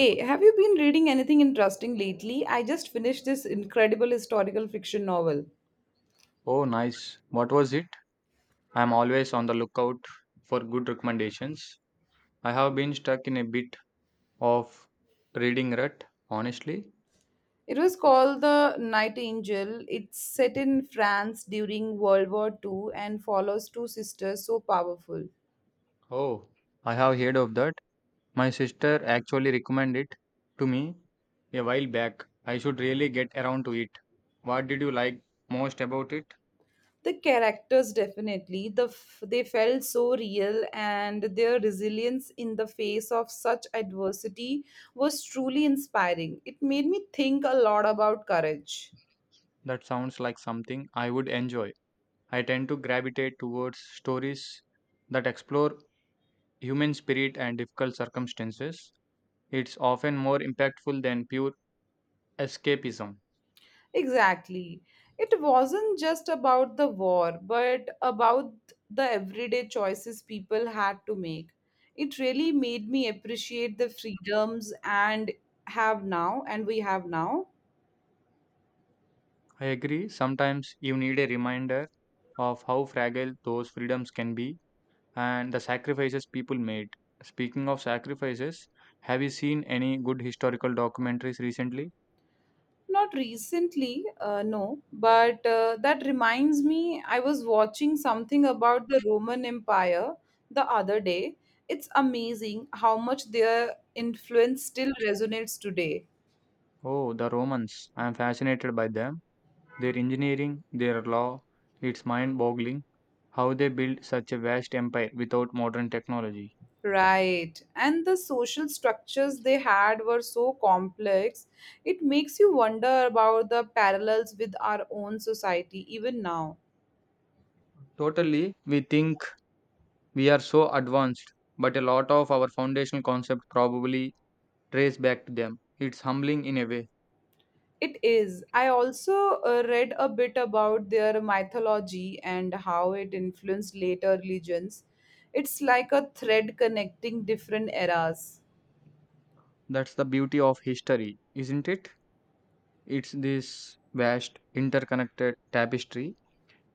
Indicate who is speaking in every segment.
Speaker 1: Hey, have you been reading anything interesting lately? I just finished this incredible historical fiction novel.
Speaker 2: Oh, nice. What was it? I'm always on the lookout for good recommendations. I have been stuck in a bit of reading rut, honestly.
Speaker 1: It was called The Night Angel. It's set in France during World War II and follows two sisters so powerful.
Speaker 2: Oh, I have heard of that. My sister actually recommended it to me a while back. I should really get around to it. What did you like most about it?
Speaker 1: The characters definitely, they felt so real and their resilience in the face of such adversity was truly inspiring. It made me think a lot about courage.
Speaker 2: That sounds like something I would enjoy. I tend to gravitate towards stories that explore human spirit and difficult circumstances. It's often more impactful than pure escapism.
Speaker 1: Exactly. It wasn't just about the war, but about the everyday choices people had to make. It really made me appreciate the freedoms and have now and we have now.
Speaker 2: I agree, sometimes you need a reminder of how fragile those freedoms can be and the sacrifices people made. Speaking of sacrifices, have you seen any good historical documentaries recently?
Speaker 1: Not recently, no, but that reminds me I was watching something about the Roman Empire the other day. It's amazing how much their influence still resonates today.
Speaker 2: Oh, the Romans. I am fascinated by them. Their engineering, their law, it's mind boggling how they built such a vast empire without modern technology.
Speaker 1: Right. And the social structures they had were so complex, it makes you wonder about the parallels with our own society even now.
Speaker 2: Totally, we think we are so advanced, but a lot of our foundational concepts probably trace back to them. It's humbling in a way.
Speaker 1: It is. I also read a bit about their mythology and how it influenced later religions. It's like a thread connecting different eras.
Speaker 2: That's the beauty of history, isn't it? It's this vast, interconnected tapestry.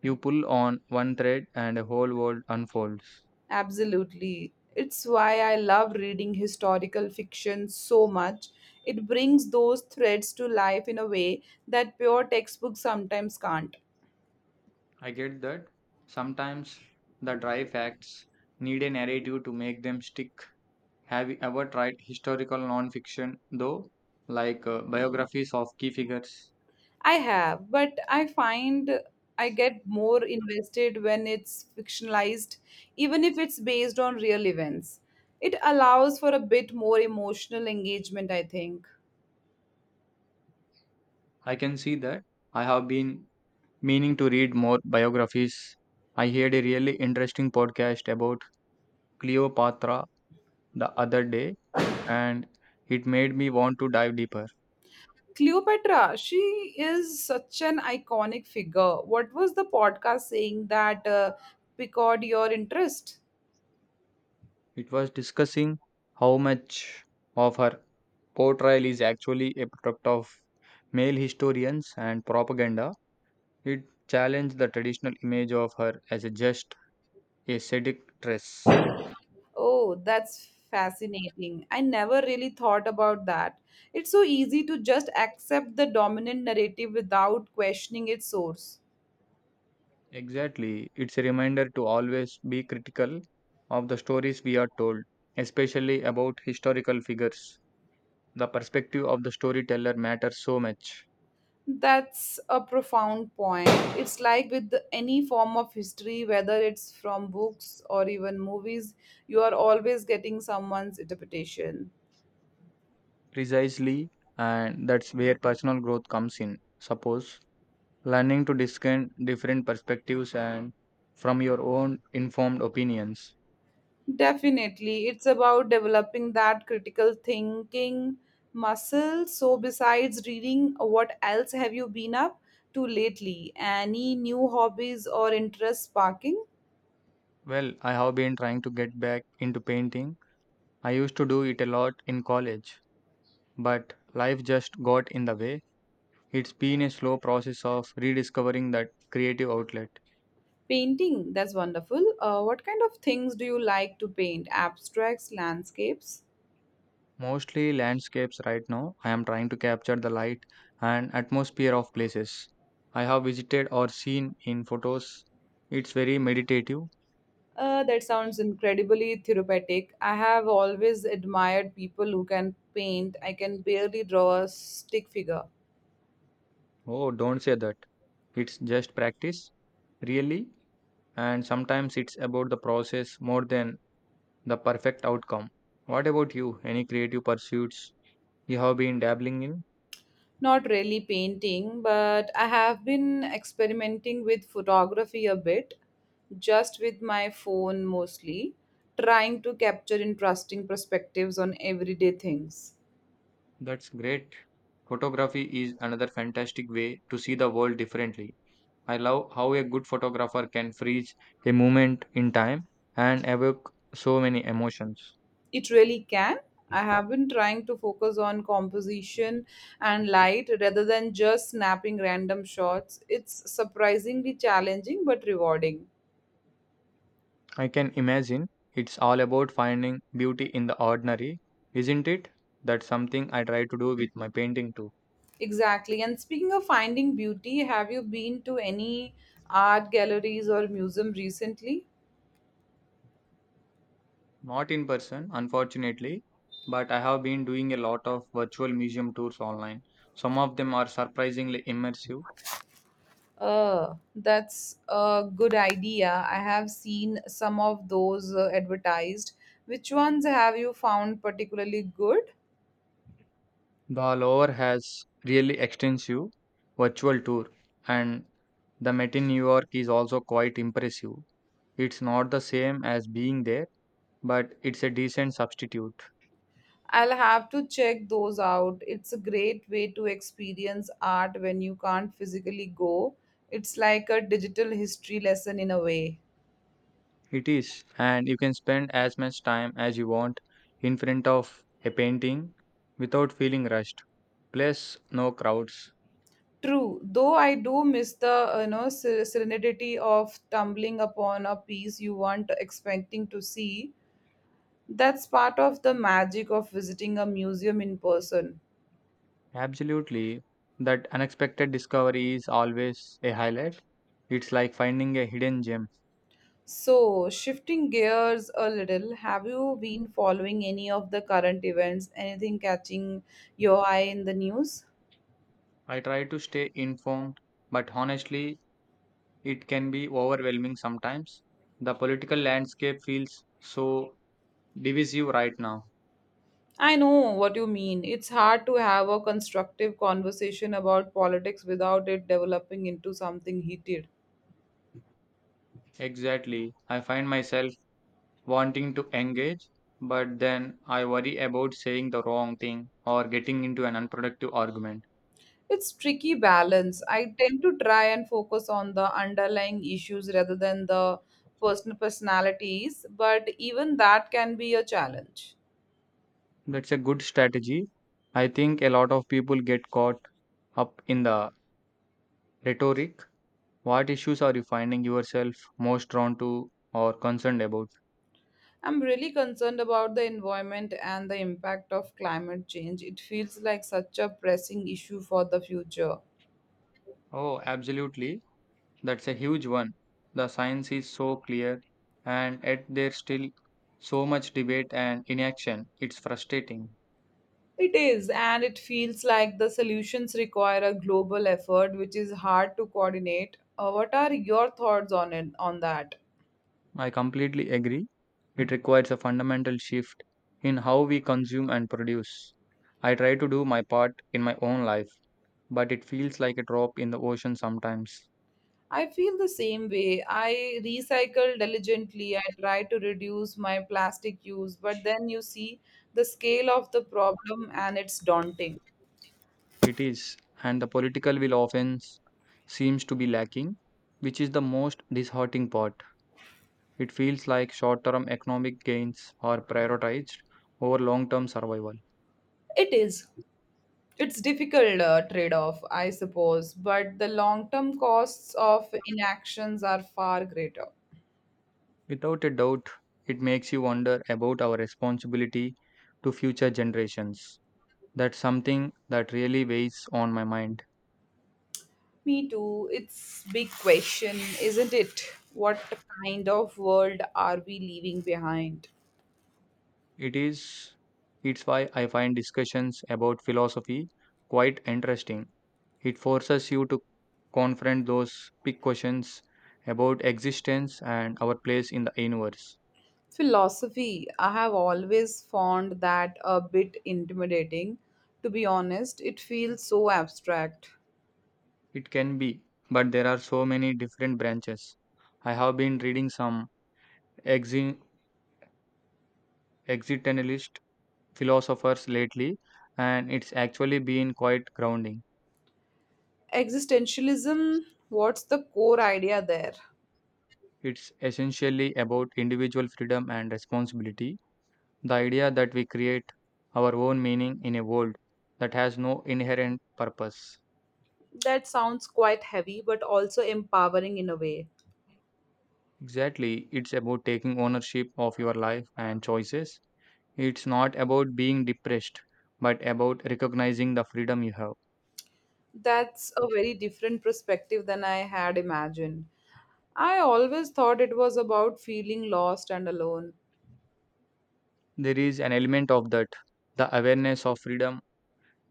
Speaker 2: You pull on one thread and a whole world unfolds.
Speaker 1: Absolutely. It's why I love reading historical fiction so much. It brings those threads to life in a way that pure textbooks sometimes can't.
Speaker 2: I get that. Sometimes the dry facts need a narrative to make them stick. Have you ever tried historical nonfiction, though, like biographies of key figures?
Speaker 1: I have, but I find I get more invested when it's fictionalized, even if it's based on real events. It allows for a bit more emotional engagement, I think.
Speaker 2: I can see that. I have been meaning to read more biographies. I heard a really interesting podcast about Cleopatra the other day, and it made me want to dive deeper.
Speaker 1: Cleopatra, she is such an iconic figure. What was the podcast saying that piqued your interest?
Speaker 2: It was discussing how much of her portrayal is actually a product of male historians and propaganda. It challenged the traditional image of her as a just a seductress.
Speaker 1: Oh, that's fascinating. I never really thought about that. It's so easy to just accept the dominant narrative without questioning its source.
Speaker 2: Exactly. It's a reminder to always be critical of the stories we are told, especially about historical figures. The perspective of the storyteller matters so much.
Speaker 1: That's a profound point. It's like with any form of history, whether it's from books or even movies, you are always getting someone's interpretation.
Speaker 2: Precisely, and that's where personal growth comes in. Suppose learning to discern different perspectives and from your own informed opinions.
Speaker 1: Definitely. It's about developing that critical thinking muscle. So, besides reading, what else have you been up to lately? Any new hobbies or interests sparking?
Speaker 2: Well, I have been trying to get back into painting. I used to do it a lot in college, but life just got in the way. It's been a slow process of rediscovering that creative outlet.
Speaker 1: Painting, that's wonderful. What kind of things do you like to paint? Abstracts, landscapes?
Speaker 2: Mostly landscapes right now. I am trying to capture the light and atmosphere of places I have visited or seen in photos. It's very meditative.
Speaker 1: That sounds incredibly therapeutic. I have always admired people who can paint. I can barely draw a stick figure.
Speaker 2: Oh, don't say that. It's just practice, really. And sometimes it's about the process more than the perfect outcome. What about you? Any creative pursuits you have been dabbling in?
Speaker 1: Not really painting, but I have been experimenting with photography a bit, just with my phone mostly, trying to capture interesting perspectives on everyday things.
Speaker 2: That's great. Photography is another fantastic way to see the world differently. I love how a good photographer can freeze a moment in time and evoke so many emotions.
Speaker 1: It really can. I have been trying to focus on composition and light rather than just snapping random shots. It's surprisingly challenging but rewarding.
Speaker 2: I can imagine it's all about finding beauty in the ordinary, isn't it? That's something I try to do with my painting too.
Speaker 1: Exactly. And speaking of finding beauty, have you been to any art galleries or museum recently?
Speaker 2: Not in person, unfortunately, but I have been doing a lot of virtual museum tours online. Some of them are surprisingly immersive.
Speaker 1: That's a good idea. I have seen some of those advertised. Which ones have you found particularly good?
Speaker 2: The lower has really extensive virtual tour, and the Met in New York is also quite impressive. It's not the same as being there, but it's a decent substitute.
Speaker 1: I'll have to check those out. It's a great way to experience art when you can't physically go. It's like a digital history lesson in a way.
Speaker 2: It is, and you can spend as much time as you want in front of a painting without feeling rushed. Plus, no crowds.
Speaker 1: True, though I do miss the serenity of tumbling upon a piece you weren't expecting to see. That's part of the magic of visiting a museum in person.
Speaker 2: Absolutely, that unexpected discovery is always a highlight. It's like finding a hidden gem.
Speaker 1: So, shifting gears a little, have you been following any of the current events? Anything catching your eye in the news?
Speaker 2: I try to stay informed, but honestly, it can be overwhelming sometimes. The political landscape feels so divisive right now.
Speaker 1: I know what you mean. It's hard to have a constructive conversation about politics without it developing into something heated.
Speaker 2: Exactly. I find myself wanting to engage, but then I worry about saying the wrong thing or getting into an unproductive argument.
Speaker 1: It's tricky balance. I tend to try and focus on the underlying issues rather than the personalities, but even that can be a challenge.
Speaker 2: That's a good strategy. I think a lot of people get caught up in the rhetoric. What issues are you finding yourself most drawn to or concerned about?
Speaker 1: I'm really concerned about the environment and the impact of climate change. It feels like such a pressing issue for the future.
Speaker 2: Oh, absolutely. That's a huge one. The science is so clear, and yet there's still so much debate and inaction. It's frustrating.
Speaker 1: It is, and it feels like the solutions require a global effort, which is hard to coordinate. What are your thoughts on that?
Speaker 2: I completely agree. It requires a fundamental shift in how we consume and produce. I try to do my part in my own life, but it feels like a drop in the ocean sometimes.
Speaker 1: I feel the same way. I recycle diligently. I try to reduce my plastic use, but then you see the scale of the problem and it's daunting.
Speaker 2: It is, and the political will often seems to be lacking, which is the most disheartening part. It feels like short term economic gains are prioritized over long term survival.
Speaker 1: It is. It's difficult trade-off, I suppose, but the long-term costs of inactions are far greater.
Speaker 2: Without a doubt, it makes you wonder about our responsibility to future generations. That's something that really weighs on my mind.
Speaker 1: Me too. It's big question, isn't it? What kind of world are we leaving behind?
Speaker 2: It is, it's why I find discussions about philosophy quite interesting. It forces you to confront those big questions about existence and our place in the universe.
Speaker 1: Philosophy, I have always found that a bit intimidating. To be honest, it feels so abstract.
Speaker 2: It can be, but there are so many different branches. I have been reading some exi- existentialist philosophers lately, and it's actually been quite grounding.
Speaker 1: Existentialism, what's the core idea there?
Speaker 2: It's essentially about individual freedom and responsibility, the idea that we create our own meaning in a world that has no inherent purpose.
Speaker 1: That sounds quite heavy, but also empowering in a way.
Speaker 2: Exactly, it's about taking ownership of your life and choices. It's not about being depressed, but about recognizing the freedom you have.
Speaker 1: That's a very different perspective than I had imagined. I always thought it was about feeling lost and alone.
Speaker 2: There is an element of that. The awareness of freedom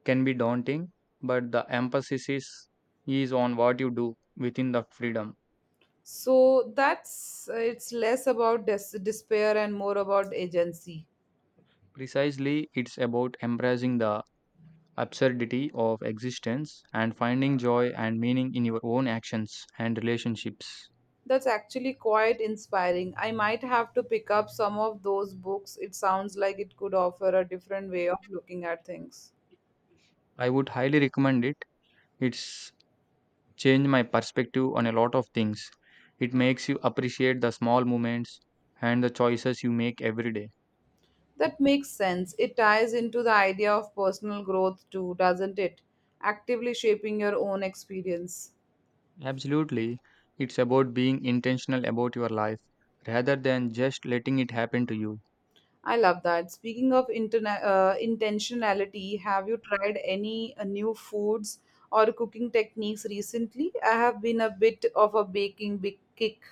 Speaker 2: can be daunting, but the emphasis is on what you do within the freedom.
Speaker 1: So that's it's less about des- despair and more about agency.
Speaker 2: Precisely, it's about embracing the absurdity of existence and finding joy and meaning in your own actions and relationships.
Speaker 1: That's actually quite inspiring. I might have to pick up some of those books. It sounds like it could offer a different way of looking at things.
Speaker 2: I would highly recommend it. It's changed my perspective on a lot of things. It makes you appreciate the small moments and the choices you make every day.
Speaker 1: That makes sense. It ties into the idea of personal growth too, doesn't it? Actively shaping your own experience.
Speaker 2: Absolutely. It's about being intentional about your life rather than just letting it happen to you.
Speaker 1: I love that. Speaking of intentionality, have you tried any new foods or cooking techniques recently? I have been a bit of a baking big kick.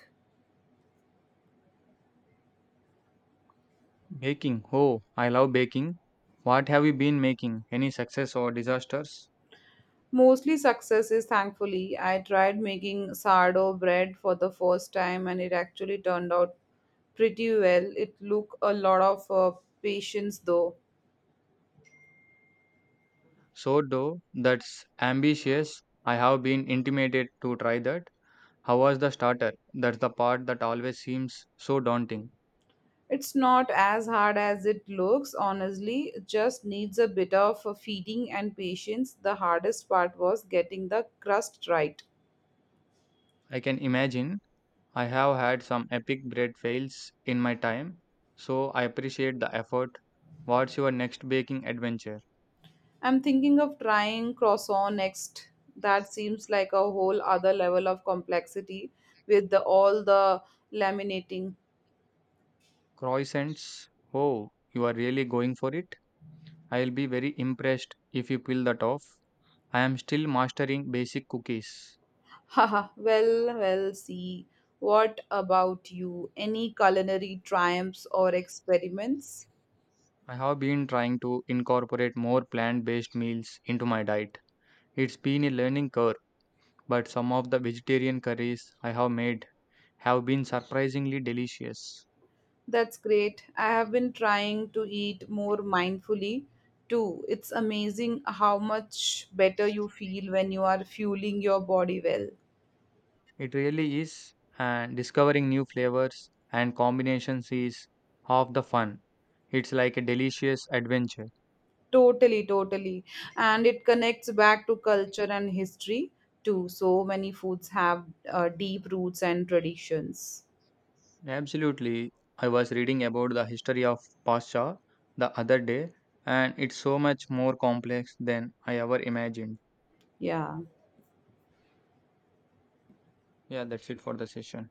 Speaker 2: Baking. Oh, I love baking. What have you been making? Any success or disasters?
Speaker 1: Mostly success is thankfully. I tried making sourdough bread for the first time and it actually turned out pretty well. It took a lot of patience though.
Speaker 2: Sourdough. That's ambitious. I have been intimated to try that. How was the starter? That's the part that always seems so daunting.
Speaker 1: It's not as hard as it looks, honestly. It just needs a bit of feeding and patience. The hardest part was getting the crust right.
Speaker 2: I can imagine. I have had some epic bread fails in my time, so I appreciate the effort. What's your next baking adventure?
Speaker 1: I'm thinking of trying croissant next. That seems like a whole other level of complexity all the laminating.
Speaker 2: Croissants. Oh, you are really going for it? I'll be very impressed if you pull that off. I am still mastering basic cookies.
Speaker 1: Haha, well, see. What about you? Any culinary triumphs or experiments?
Speaker 2: I have been trying to incorporate more plant based meals into my diet. It's been a learning curve, but some of the vegetarian curries I have made have been surprisingly delicious.
Speaker 1: That's great. I have been trying to eat more mindfully too. It's amazing how much better you feel when you are fueling your body well.
Speaker 2: It really is, and discovering new flavors and combinations is half the fun. It's like a delicious adventure.
Speaker 1: Totally. And it connects back to culture and history too. So many foods have deep roots and traditions.
Speaker 2: Absolutely. I was reading about the history of Pasha the other day, and it's so much more complex than I ever imagined.
Speaker 1: Yeah.
Speaker 2: Yeah, that's it for the session.